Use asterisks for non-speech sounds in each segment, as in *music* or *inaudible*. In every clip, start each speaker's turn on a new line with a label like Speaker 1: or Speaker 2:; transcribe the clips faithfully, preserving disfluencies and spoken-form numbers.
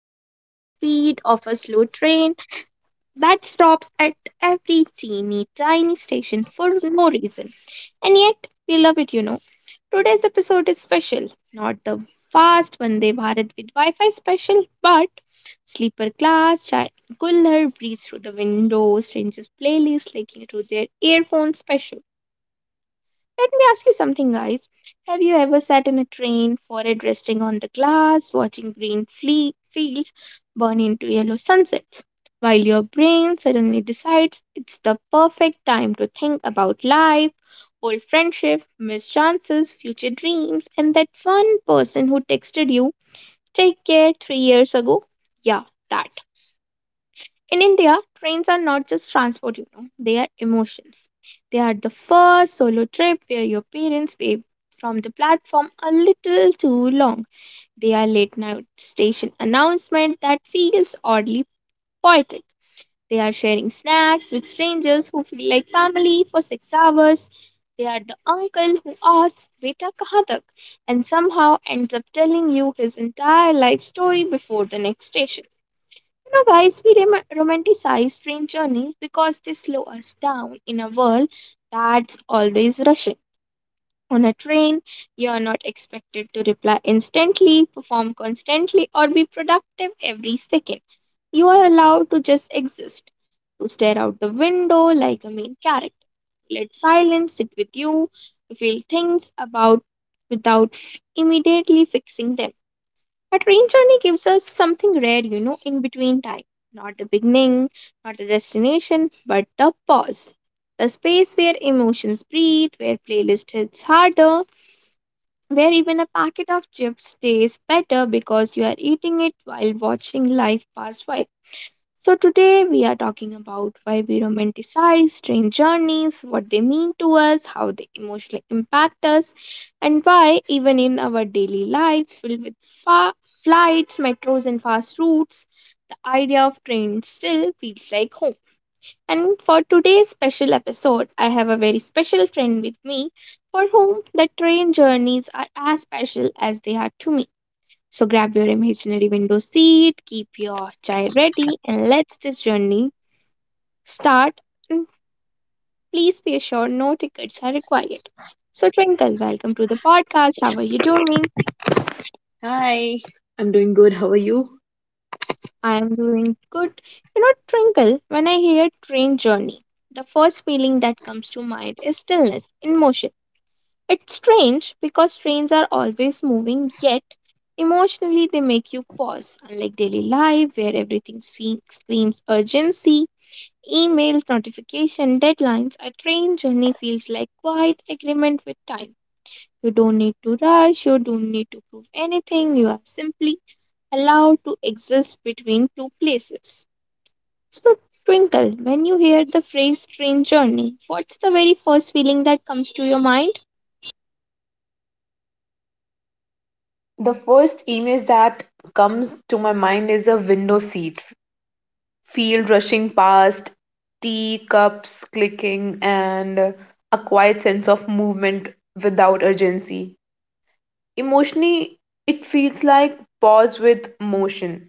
Speaker 1: moving at the speed of a slow train that stops at every teeny tiny station for no reason. And yet, we love it, you know. Today's episode is special, not the fast Vande Bharat with Wi Fi special, but sleeper class, chai cooler, breeze through the window, strangers' playlist, leaking through their earphones special. Let me ask you something, guys. Have you ever sat in a train, forehead resting on the glass, watching green fle- fields burn into yellow sunsets, while your brain suddenly decides it's the perfect time to think about life, old friendship, missed chances, future dreams, and that one person who texted you, take care, three years ago? Yeah, that. In India, trains are not just transport, you know, they are emotions. They are the first solo trip where your parents wave from the platform a little too long. They are late night station announcement that feels oddly poetic. They are sharing snacks with strangers who feel like family for six hours. They are the uncle who asks, Beta kahan tak? And somehow ends up telling you his entire life story before the next station. You know, guys, we rom- romanticize train journeys because they slow us down in a world that's always rushing. On a train, you're not expected to reply instantly, perform constantly, or be productive every second. You are allowed to just exist, to stare out the window like a main character. Let silence sit with you, to feel things about without f- immediately fixing them. A train journey gives us something rare, you know, in between time. Not the beginning, not the destination, but the pause. The space where emotions breathe, where playlist hits harder, where even a packet of chips tastes better because you are eating it while watching life pass by. So, today we are talking about why we romanticize train journeys, what they mean to us, how they emotionally impact us, and why, even in our daily lives filled with fa- flights, metros, and fast routes, the idea of train still feels like home. And for today's special episode, I have a very special friend with me for whom the train journeys are as special as they are to me. So grab your imaginary window seat, keep your chai ready, and let's this journey start and please be assured no tickets are required. So, Twinkle, welcome to the podcast. How are you doing?
Speaker 2: Hi, I'm you.
Speaker 1: I am doing good. You know, Twinkle, when I hear train journey, the first feeling that comes to mind is stillness in motion. It's strange because trains are always moving, yet emotionally they make you pause, unlike daily life where everything swe- screams urgency. Emails, notification, deadlines, a train journey feels like quiet agreement with time. You don't need to rush, you don't need to prove anything, you are simply allowed to exist between two places. So, Twinkle, when you hear the phrase train journey, what's the very first feeling that comes to your mind?
Speaker 2: The first image that comes to my mind is a window seat, f- field rushing past, tea cups clicking, and a quiet sense of movement without urgency. Emotionally, it feels like pause with motion.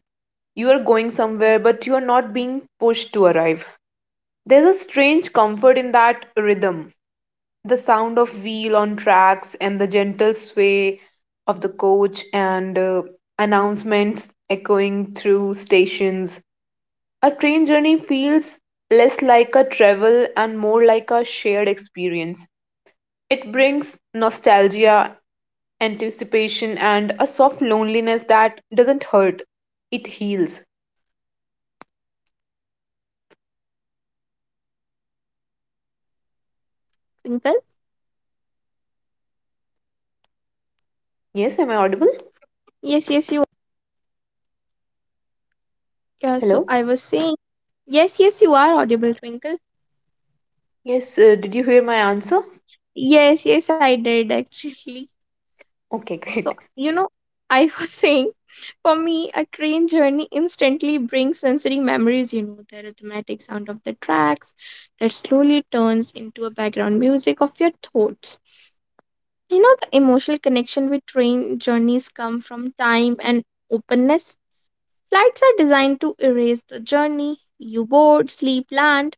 Speaker 2: You are going somewhere, but you are not being pushed to arrive. There's a strange comfort in that rhythm. The sound of wheel on tracks and the gentle sway of the coach and uh, announcements echoing through stations. A train journey feels less like a travel and more like a shared experience. It brings nostalgia, anticipation, and a soft loneliness that doesn't hurt, it heals.
Speaker 1: Twinkle?
Speaker 2: Yes, am I audible?
Speaker 1: Yes, yes, you. Yeah, so
Speaker 2: Hello?
Speaker 1: I was saying, yes, yes, you are audible, Twinkle.
Speaker 2: Yes, uh, did you hear my answer?
Speaker 1: Yes, yes, I did *laughs* actually.
Speaker 2: Okay, *laughs* great.
Speaker 1: So, you know, I was *laughs* saying, for me, a train journey instantly brings sensory memories, you know, the rhythmic sound of the tracks that slowly turns into a background music of your thoughts. You know, the emotional connection with train journeys come from time and openness. Flights are designed to erase the journey. You board, sleep, land.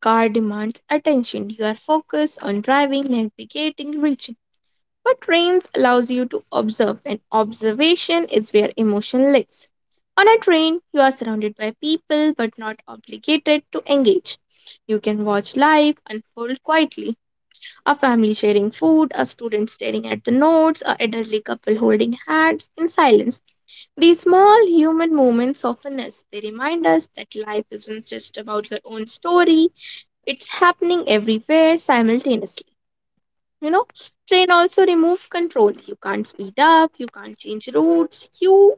Speaker 1: Car demands attention. You are focused on driving, navigating, reaching, but trains allows you to observe and observation is where emotion lives. On a train, you are surrounded by people but not obligated to engage. You can watch life unfold quietly. A family sharing food, a student staring at the notes, a elderly couple holding hands in silence. These small human moments soften us. They remind us that life isn't just about your own story, it's happening everywhere simultaneously. You know, train also remove control. You can't speed up, you can't change routes, you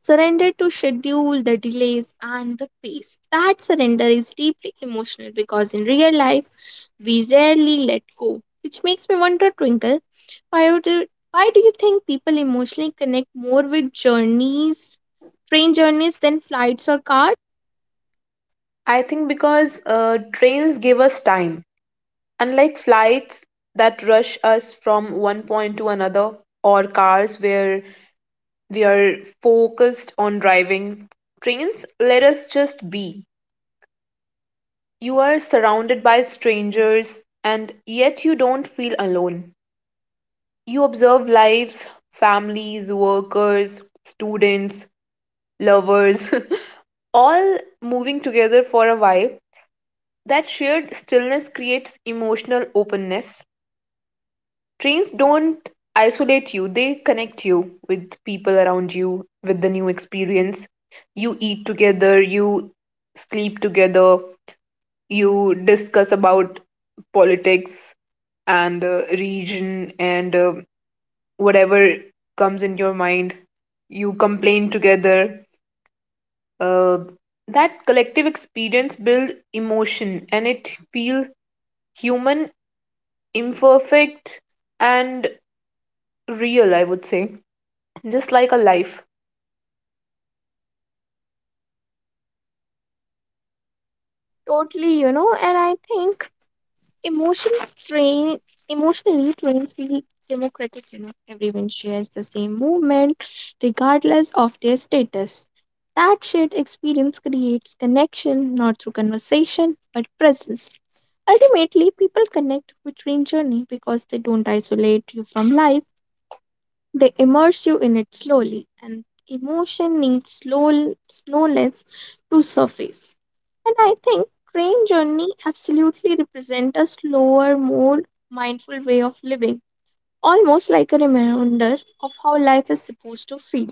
Speaker 1: surrender to schedule, the delays and the pace. That surrender is deeply emotional because in real life we rarely let go, which makes me wonder, Twinkle, why would you, why do you think people emotionally connect more with journeys train journeys than flights or cars?
Speaker 2: I think because uh, trains give us time. Unlike flights that rush us from one point to another, or cars where we are focused on driving, trains let us just be. You are surrounded by strangers, and yet you don't feel alone. You observe lives, families, workers, students, lovers, *laughs* all moving together for a while. That shared stillness creates emotional openness. Trains don't isolate you, they connect you with people around you, with the new experience. You eat together, you sleep together, you discuss about politics and uh, region and uh, whatever comes in your mind. You complain together. Uh, that collective experience builds emotion and it feels human, imperfect, and real, I would say. Just like a life.
Speaker 1: Totally, you know and I think Emotional strain, emotionally trains feel democratic. You know, everyone shares the same movement, regardless of their status. That shared experience creates connection, not through conversation, but presence. Ultimately, people connect with train journey because they don't isolate you from life. They immerse you in it slowly, and emotion needs slow slowness to surface. And I think train journey absolutely represent a slower, more mindful way of living, almost like a reminder of how life is supposed to feel.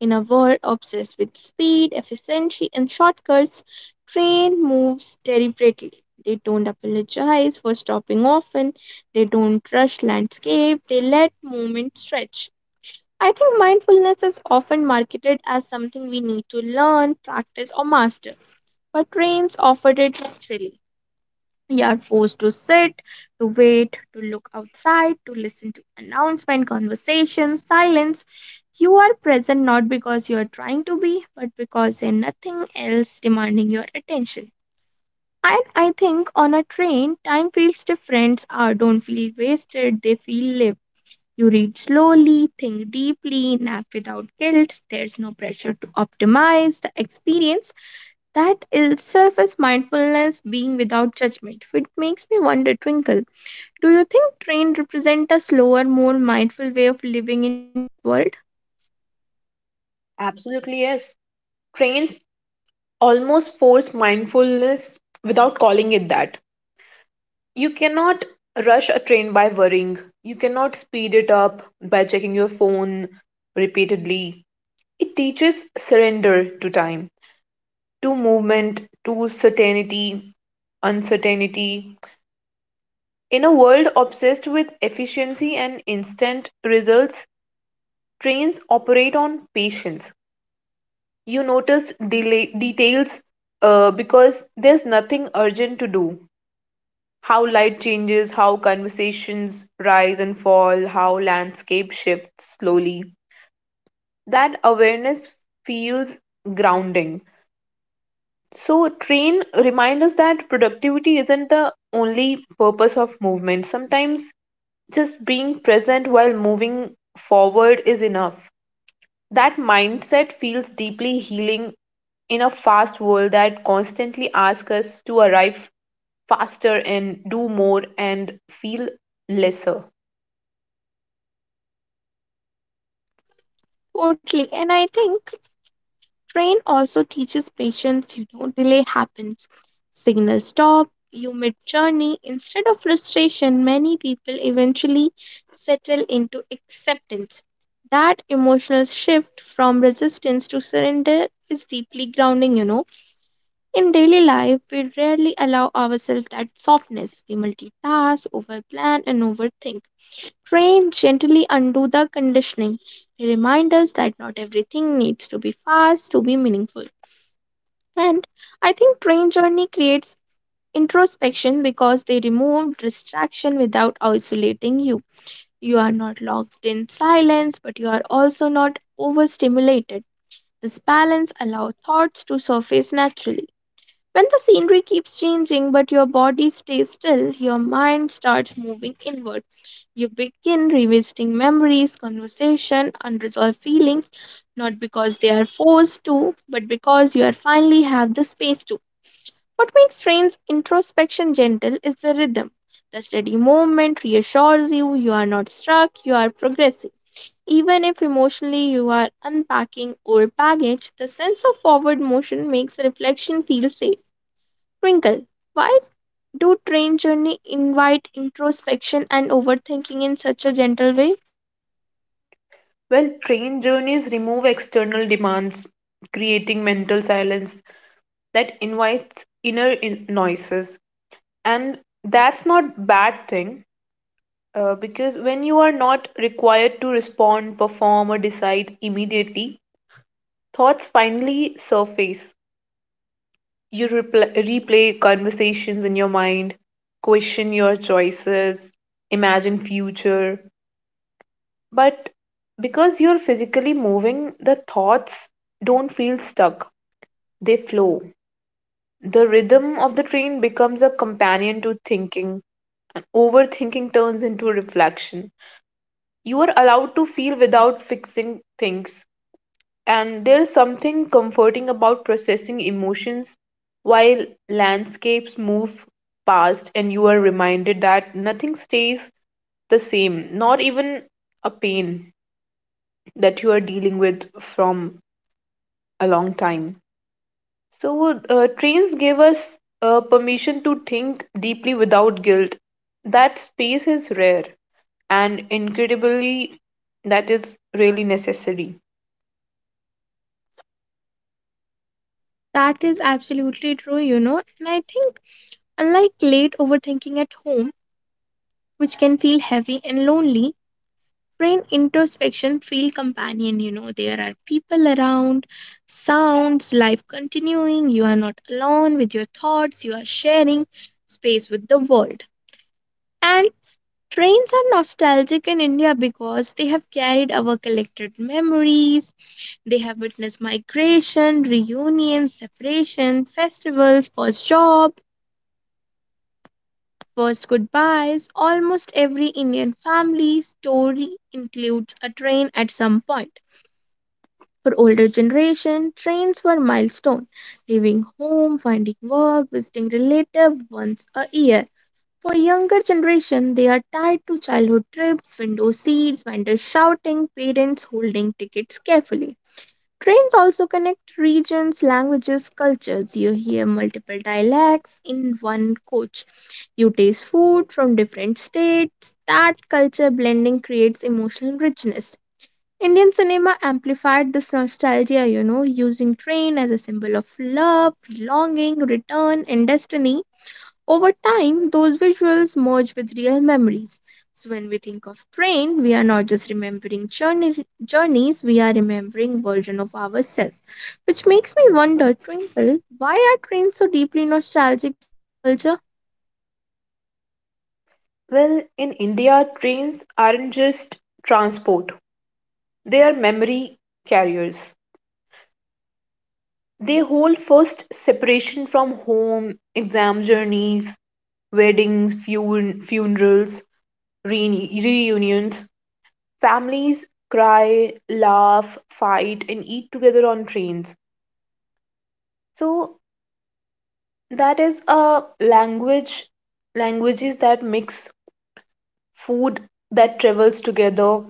Speaker 1: In a world obsessed with speed, efficiency, and shortcuts, train moves deliberately. They don't apologize for stopping often. They don't rush landscape. They let movement stretch. I think mindfulness is often marketed as something we need to learn, practice, or master, but trains offered it naturally. You are forced to sit, to wait, to look outside, to listen to announcement, conversation, silence. You are present not because you are trying to be, but because there's nothing else demanding your attention. And I think on a train, time feels different. Hours don't feel wasted, they feel lived. You read slowly, think deeply, nap without guilt. There's no pressure to optimize the experience. That itself is mindfulness being without judgment. It makes me wonder, Twinkle, do you think train represent a slower, more mindful way of living in the world?
Speaker 2: Absolutely, yes. Trains almost force mindfulness without calling it that. You cannot rush a train by worrying. You cannot speed it up by checking your phone repeatedly. It teaches surrender to time, to movement, to certainty, uncertainty. In a world obsessed with efficiency and instant results, trains operate on patience. You notice delay, details uh, because there's nothing urgent to do. How light changes, how conversations rise and fall, how landscape shifts slowly. That awareness feels grounding. So, train reminds us that productivity isn't the only purpose of movement. Sometimes just being present while moving forward is enough. That mindset feels deeply healing in a fast world that constantly asks us to arrive faster and do more and feel lesser.
Speaker 1: Totally. And I think train also teaches patience, you know, delay happens. Signal stop, you mid journey. Instead of frustration, many people eventually settle into acceptance. That emotional shift from resistance to surrender is deeply grounding, you know In daily life, we rarely allow ourselves that softness. We multitask, overplan, and overthink. Train gently undo the conditioning. They remind us that not everything needs to be fast to be meaningful. And I think train journey creates introspection because they remove distraction without isolating you. You are not locked in silence, but you are also not overstimulated. This balance allows thoughts to surface naturally when the scenery keeps changing but your body stays still, your mind starts moving inward. You begin revisiting memories, conversation, unresolved feelings, not because they are forced to, but because you are finally have the space to. What makes trains introspection gentle is the rhythm. The steady movement reassures you you are not stuck, you are progressing. Even if emotionally you are unpacking old baggage, the sense of forward motion makes reflection feel safe. Twinkle, why do train journey invite introspection and overthinking in such a gentle way?
Speaker 2: Well, train journeys remove external demands, creating mental silence that invites inner in- noises. And that's not bad thing uh, because when you are not required to respond, perform, or decide immediately, thoughts finally surface. You repl- replay conversations in your mind, question your choices, imagine future. But because you're physically moving, the thoughts don't feel stuck, they flow. The rhythm of the train becomes a companion to thinking, and overthinking turns into reflection. You are allowed to feel without fixing things. And there's something comforting about processing emotions while landscapes move past and you are reminded that nothing stays the same, not even a pain that you are dealing with from a long time. So, uh, trains give us uh, permission to think deeply without guilt. That space is rare and incredibly, that is really necessary.
Speaker 1: That is absolutely true, you know. And I think, unlike late overthinking at home, which can feel heavy and lonely, train introspection feel companion, you know. There are people around, sounds, life continuing, you are not alone with your thoughts, you are sharing space with the world. And trains are nostalgic in India because they have carried our collected memories. They have witnessed migration, reunions, separation, festivals, first job, first goodbyes. Almost every Indian family story includes a train at some point. For older generation, trains were milestone, leaving home, finding work, visiting relative once a year. For younger generation, they are tied to childhood trips, window seats, vendors shouting, parents holding tickets carefully. Trains also connect regions, languages, cultures. You hear multiple dialects in one coach. You taste food from different states. That culture blending creates emotional richness. Indian cinema amplified this nostalgia, you know, using train as a symbol of love, longing, return, and destiny over time, those visuals merge with real memories. So when we think of train, we are not just remembering journey, journeys, we are remembering version of ourselves. Which makes me wonder, Twinkle, why are trains so deeply nostalgic in culture?
Speaker 2: Well, in India, trains aren't just transport, they are memory carriers. They hold first separation from home, exam journeys, weddings, fun- funerals, reuni- reunions. Families cry, laugh, fight, and eat together on trains. So that is a language, languages that mix food that travels together.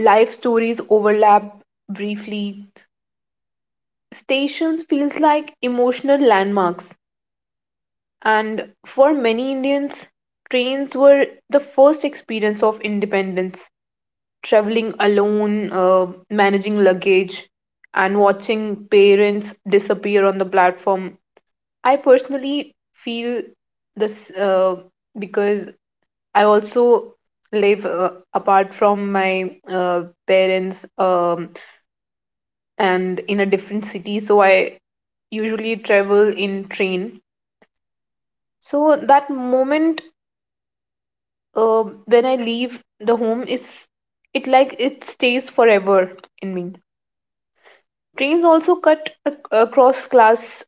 Speaker 2: Life stories overlap briefly. Stations feels like emotional landmarks and for many Indians trains were the first experience of independence. Traveling alone, uh, managing luggage and watching parents disappear on the platform. I personally feel this uh, because I also live uh, apart from my uh, parents um and in a different city, so I usually travel in train, so that moment uh, when I leave the home is, it like it stays forever in me. Trains also cut ac- across class,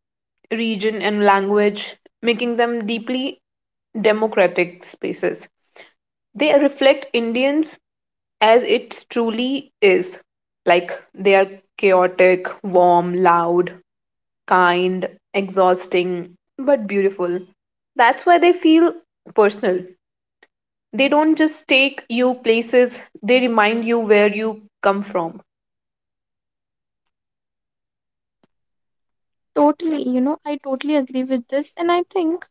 Speaker 2: region and language, making them deeply democratic spaces. They reflect Indians as it truly is, like they are chaotic, warm, loud, kind, exhausting, but beautiful. That's why they feel personal. They don't just take you places, they remind you where you come from.
Speaker 1: Totally, you know, I totally agree with this, and I think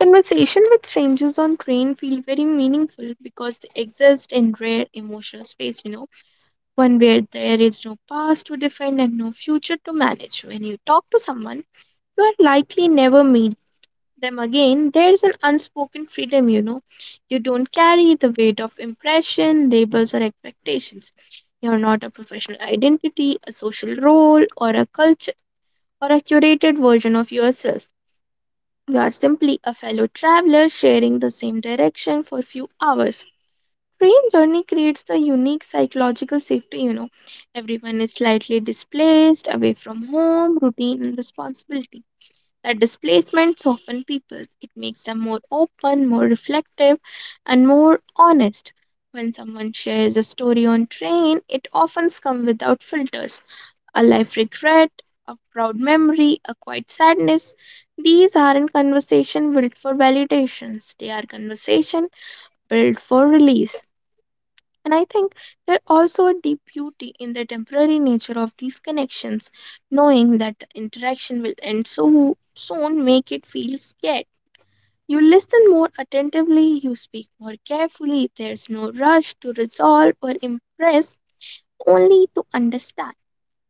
Speaker 1: conversation with strangers on train feel very meaningful because they exist in rare emotional space, you know, one where there is no past to defend and no future to manage. When you talk to someone you are likely never meet them again. There's an unspoken freedom, you know. You don't carry the weight of impression, labels, or expectations. You're not a professional identity, a social role, or a culture, or a curated version of yourself. You are simply a fellow traveler sharing the same direction for a few hours. Train journey creates the unique psychological safety, you know. Everyone is slightly displaced, away from home, routine, and responsibility. That displacement softens people. It makes them more open, more reflective, and more honest. When someone shares a story on train, it often comes without filters. A life regret, a proud memory, a quiet sadness. These aren't conversation built for validations. They are conversation built for release. And I think there also a deep beauty in the temporary nature of these connections, knowing that the interaction will end so soon make it feel scared. You listen more attentively, you speak more carefully, there's no rush to resolve or impress, only to understand.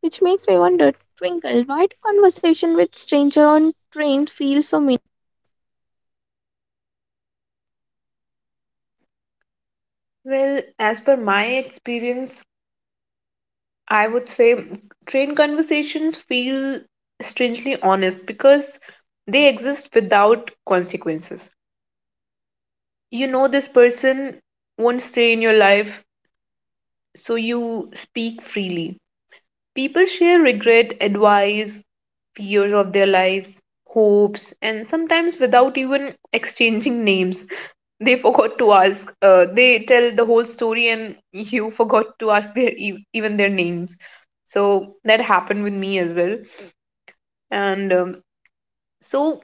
Speaker 1: Which makes me wonder, Twinkle, why do conversation with stranger on trains feel so meaningful?
Speaker 2: Well, as per my experience, I would say train conversations feel strangely honest because they exist without consequences. You know, this person won't stay in your life, so you speak freely. People share regret, advice, fears of their lives, hopes, and sometimes without even exchanging names. They forgot to ask. Uh, they tell the whole story, and you forgot to ask their e- even their names. So that happened with me as well. And um, so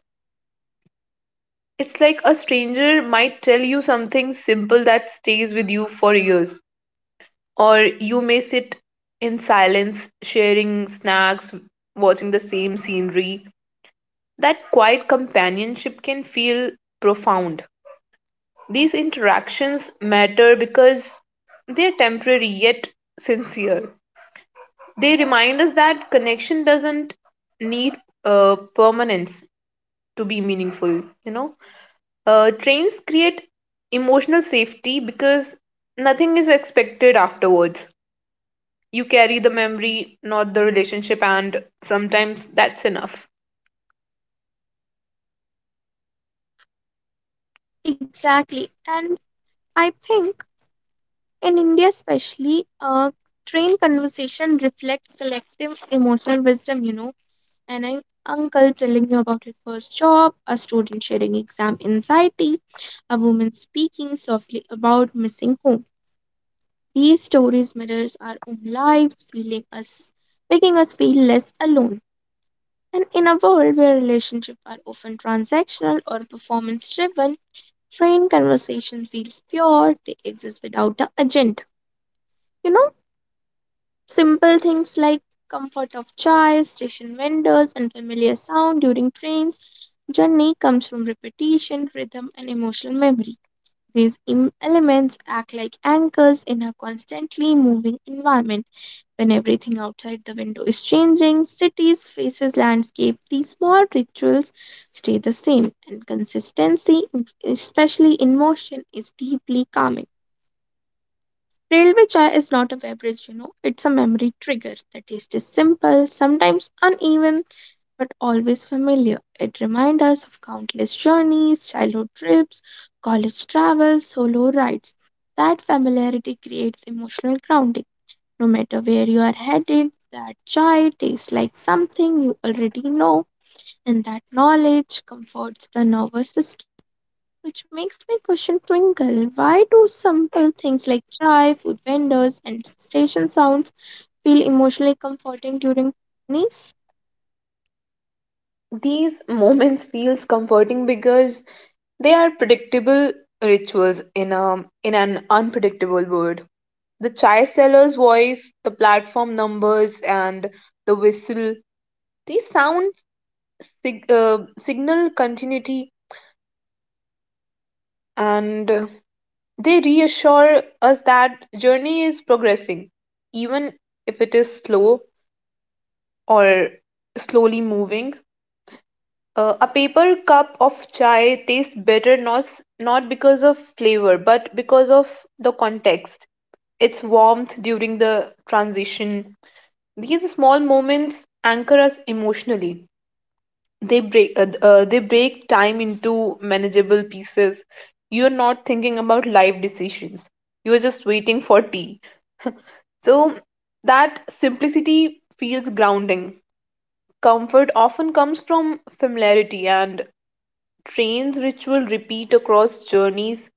Speaker 2: it's like a stranger might tell you something simple that stays with you for years, or you may sit in silence, sharing snacks, watching the same scenery. That quiet companionship can feel profound. These interactions matter because they're temporary yet sincere. They remind us that connection doesn't need uh, permanence to be meaningful, you know. Uh, trains create emotional safety because nothing is expected afterwards. You carry the memory, not the relationship, and sometimes that's enough.
Speaker 1: Exactly. And I think in India, especially, uh, train conversation reflect collective emotional wisdom, you know, and an uncle telling you about his first job, a student sharing exam anxiety, a woman speaking softly about missing home. These stories mirrors our own lives, feeling us, making us feel less alone. And in a world where relationships are often transactional or performance driven, train conversation feels pure, they exist without the agenda. You know, simple things like comfort of chairs, station windows, and familiar sound during trains journey comes from repetition, rhythm, and emotional memory. These em- elements act like anchors in a constantly moving environment. When everything outside the window is changing, cities, faces, landscape, these small rituals stay the same, and consistency, especially in motion, is deeply calming. Railway chai is not a beverage, you know, it's a memory trigger. The taste is simple, sometimes uneven, but always familiar. It reminds us of countless journeys, childhood trips, college travel, solo rides. That familiarity creates emotional grounding. No matter where you are headed, that chai tastes like something you already know, and that knowledge comforts the nervous system, which makes me question, Twinkle. Why do simple things like chai, food vendors, and station sounds feel emotionally comforting during journeys?
Speaker 2: These moments feels comforting because they are predictable rituals in a in an unpredictable world. The chai seller's voice, the platform numbers, and the whistle. These sounds sig- uh, signal continuity, and uh, they reassure us that journey is progressing, even if it is slow or slowly moving. Uh, a paper cup of chai tastes better not, s- not because of flavor, but because of the context, its warmth during the transition. These small moments anchor us emotionally. They break, uh, uh, they break time into manageable pieces. You're not thinking about life decisions. You're just waiting for tea. So that simplicity feels grounding. Comfort often comes from familiarity and trains ritual repeat across journeys,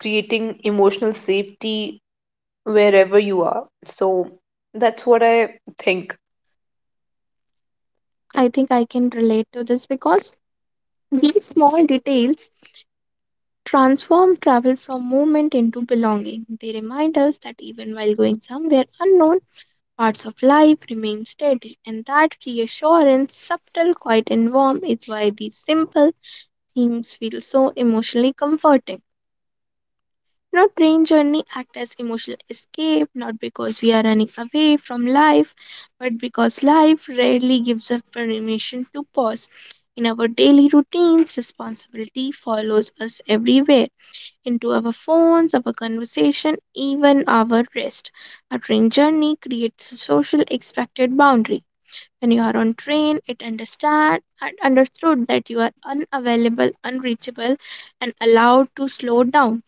Speaker 2: creating emotional safety wherever you are. So that's what I think.
Speaker 1: I think I can relate to this because these small details transform travel from movement into belonging. They remind us that even while going somewhere unknown, parts of life remain steady, and that reassurance, subtle, quiet, and warm, is why these simple things feel so emotionally comforting. Now, train journey act as emotional escape, not because we are running away from life, but because life rarely gives us permission to pause. In our daily routines, responsibility follows us everywhere, into our phones, our conversation, even our rest. A train journey creates a social expected boundary. When you are on train, it understand and understood that you are unavailable, unreachable, and allowed to slow down.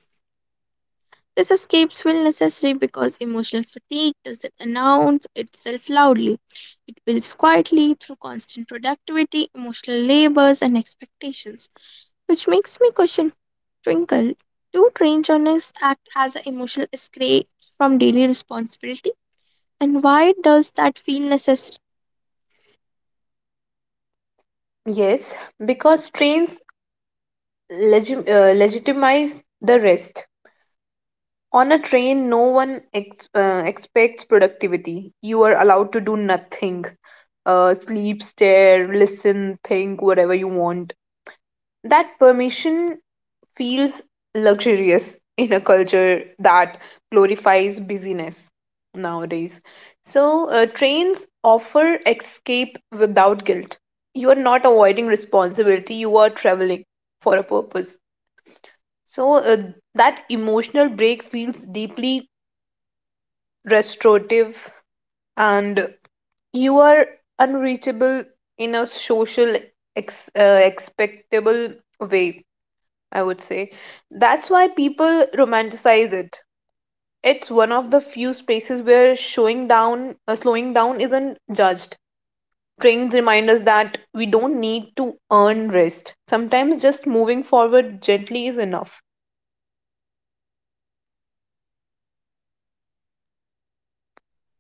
Speaker 1: These escapes feel necessary because emotional fatigue doesn't announce itself loudly. It builds quietly through constant productivity, emotional labors, and expectations. Which makes me question, Twinkle, do train journalists act as an emotional escape from daily responsibility? And why does that feel necessary?
Speaker 2: Yes, because trains legi- uh, legitimize the rest. On a train, no one ex- uh, expects productivity. You are allowed to do nothing. Uh, sleep, stare, listen, think, whatever you want. That permission feels luxurious in a culture that glorifies busyness nowadays. So, uh, trains offer escape without guilt. You are not avoiding responsibility, you are traveling for a purpose. So, uh, that emotional break feels deeply restorative, and you are unreachable in a social, ex- uh, expectable way, I would say. That's why people romanticize it. It's one of the few spaces where showing down, uh, slowing down isn't judged. Trains remind us that we don't need to earn rest. Sometimes just moving forward gently is enough.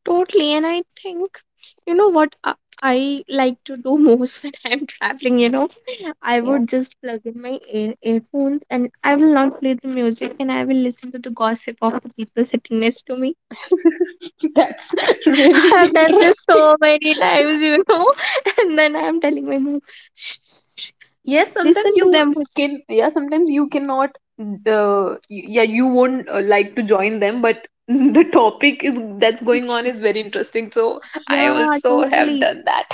Speaker 1: Totally. And I think, you know what I I like to do most *laughs* when I'm traveling, you know, I
Speaker 2: Yeah.
Speaker 1: would just plug in my ear earphones and I will not play the music and I will listen to the gossip of the people sitting next to me.
Speaker 2: *laughs* That's *laughs* really
Speaker 1: *laughs* I've done this
Speaker 2: interesting.
Speaker 1: so many times, you know, *laughs* and then I'm telling my mom, shh, shh,
Speaker 2: Yes, sometimes
Speaker 1: listen to
Speaker 2: you
Speaker 1: them.
Speaker 2: can, yeah, sometimes you cannot, uh, y- yeah, you won't uh, like to join them, but *laughs* the topic is that's going on is very interesting. So I
Speaker 1: Yeah,
Speaker 2: also have
Speaker 1: totally.
Speaker 2: done that.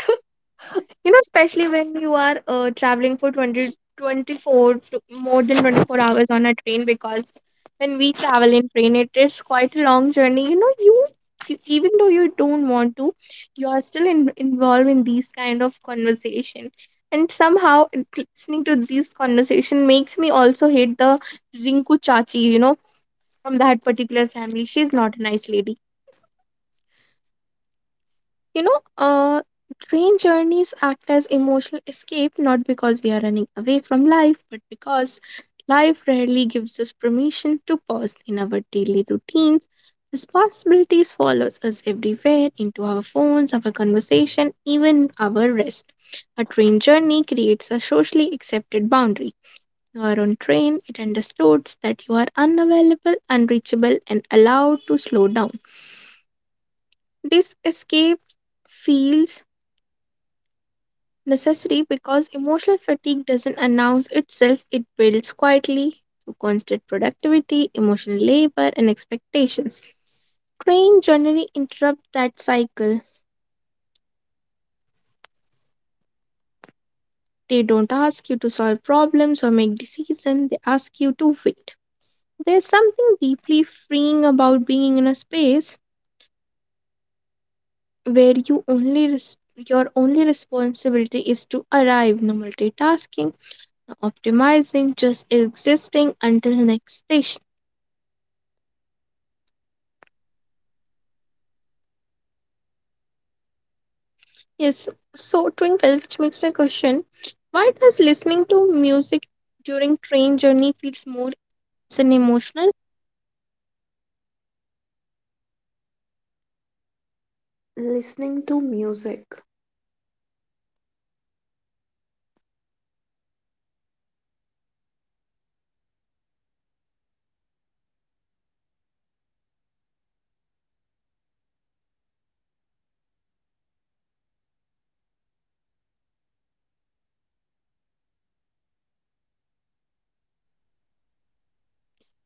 Speaker 1: You know, especially when you are uh, traveling for twenty twenty four to more than twenty four hours on a train, because when we travel in train it is quite a long journey, you know, you, you, even though you don't want to, you are still in, involved in these kind of conversation, and somehow listening to these conversation makes me also hate the Rinku chachi, you know, from that particular family, she's not a nice lady. You know, uh, train journeys act as emotional escape not because we are running away from life, but because life rarely gives us permission to pause in our daily routines. Responsibilities follows us everywhere into our phones, our conversation, even our rest. A train journey creates a socially accepted boundary. You are on train, it understands that you are unavailable, unreachable, and allowed to slow down. This escape feels necessary because emotional fatigue doesn't announce itself, it builds quietly through constant productivity, emotional labor, and expectations. Train generally interrupt that cycle. They don't ask you to solve problems or make decisions, they ask you to wait. There's something deeply freeing about being in a space where you only res- your only responsibility is to arrive, no multitasking, no optimizing, just existing until next station. Yes, so Twinkle, which makes me question, why does listening to music during train journey feels more intense and emotional?
Speaker 2: Listening to music,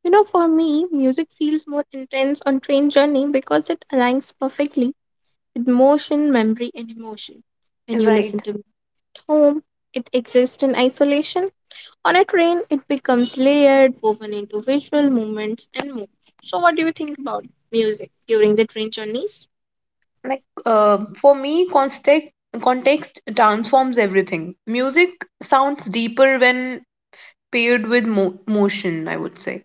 Speaker 1: You know, for me, music feels more intense on train journey because it aligns perfectly with motion, memory, and emotion. When you listen
Speaker 2: right.
Speaker 1: to it at home, it exists in isolation. On a train, it becomes layered, woven into visual movements and more. So, what do you think about music during the train journeys?
Speaker 2: Like uh, for me context context transforms everything. Music sounds deeper when paired with mo- motion, I would say.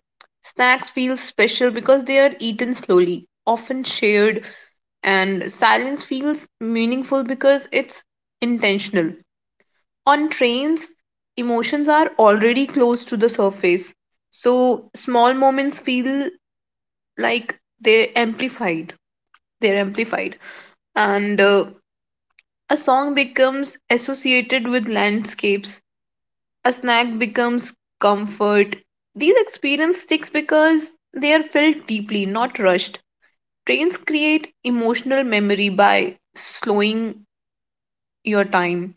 Speaker 2: Snacks feel special because they are eaten slowly, often shared, and silence feels meaningful because it's intentional. On trains emotions are already close to the surface, so small moments feel like they're amplified they're amplified. And uh, a song becomes associated with landscapes, a snack becomes comfort. These experience sticks because they are felt deeply, not rushed. Trains create emotional memory by slowing your time,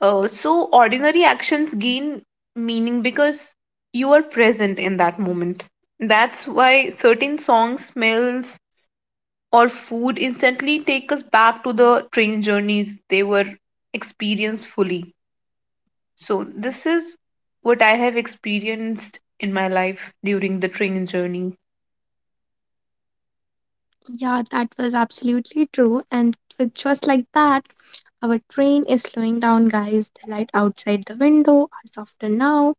Speaker 2: uh, so ordinary actions gain meaning because you are present in that moment. That's why certain songs, smells or food instantly take us back to the train journeys they were experienced fully. So, this is what I have experienced in my life during the train journey.
Speaker 1: Yeah, that was absolutely true. And with just like that, our train is slowing down, guys. The light outside the window are softer now.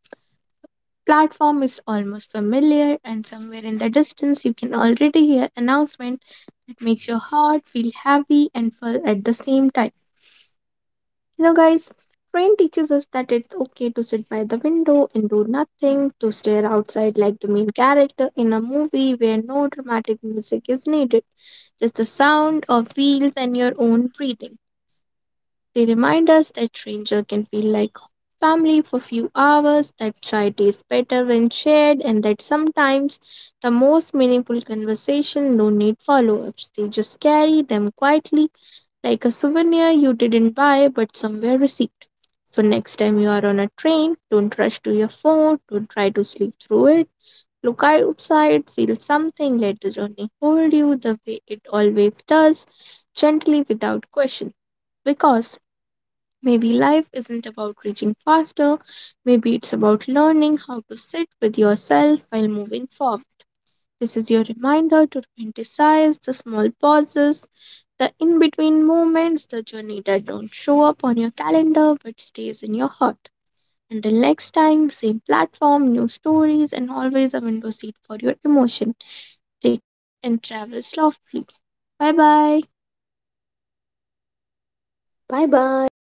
Speaker 1: Platform is almost familiar, and somewhere in the distance, you can already hear announcement that makes your heart feel happy and full at the same time. You know, guys, train teaches us that it's okay to sit by the window and do nothing, to stare outside like the main character in a movie where no dramatic music is needed, just the sound of wheels and your own breathing. They remind us that stranger can feel like family for few hours, that chai tastes better when shared, and that sometimes the most meaningful conversation no need follow-ups. They just carry them quietly like a souvenir you didn't buy but somewhere received. So next time you are on a train, don't rush to your phone, don't try to sleep through it. Look outside, feel something, let the journey hold you the way it always does, gently without question. Because maybe life isn't about reaching faster, maybe it's about learning how to sit with yourself while moving forward. This is your reminder to romanticize the small pauses, the in between moments, the journey that don't show up on your calendar but stays in your heart. Until next time, same platform, new stories, and always a window seat for your emotion. Take and travel softly. Bye bye.
Speaker 2: Bye bye.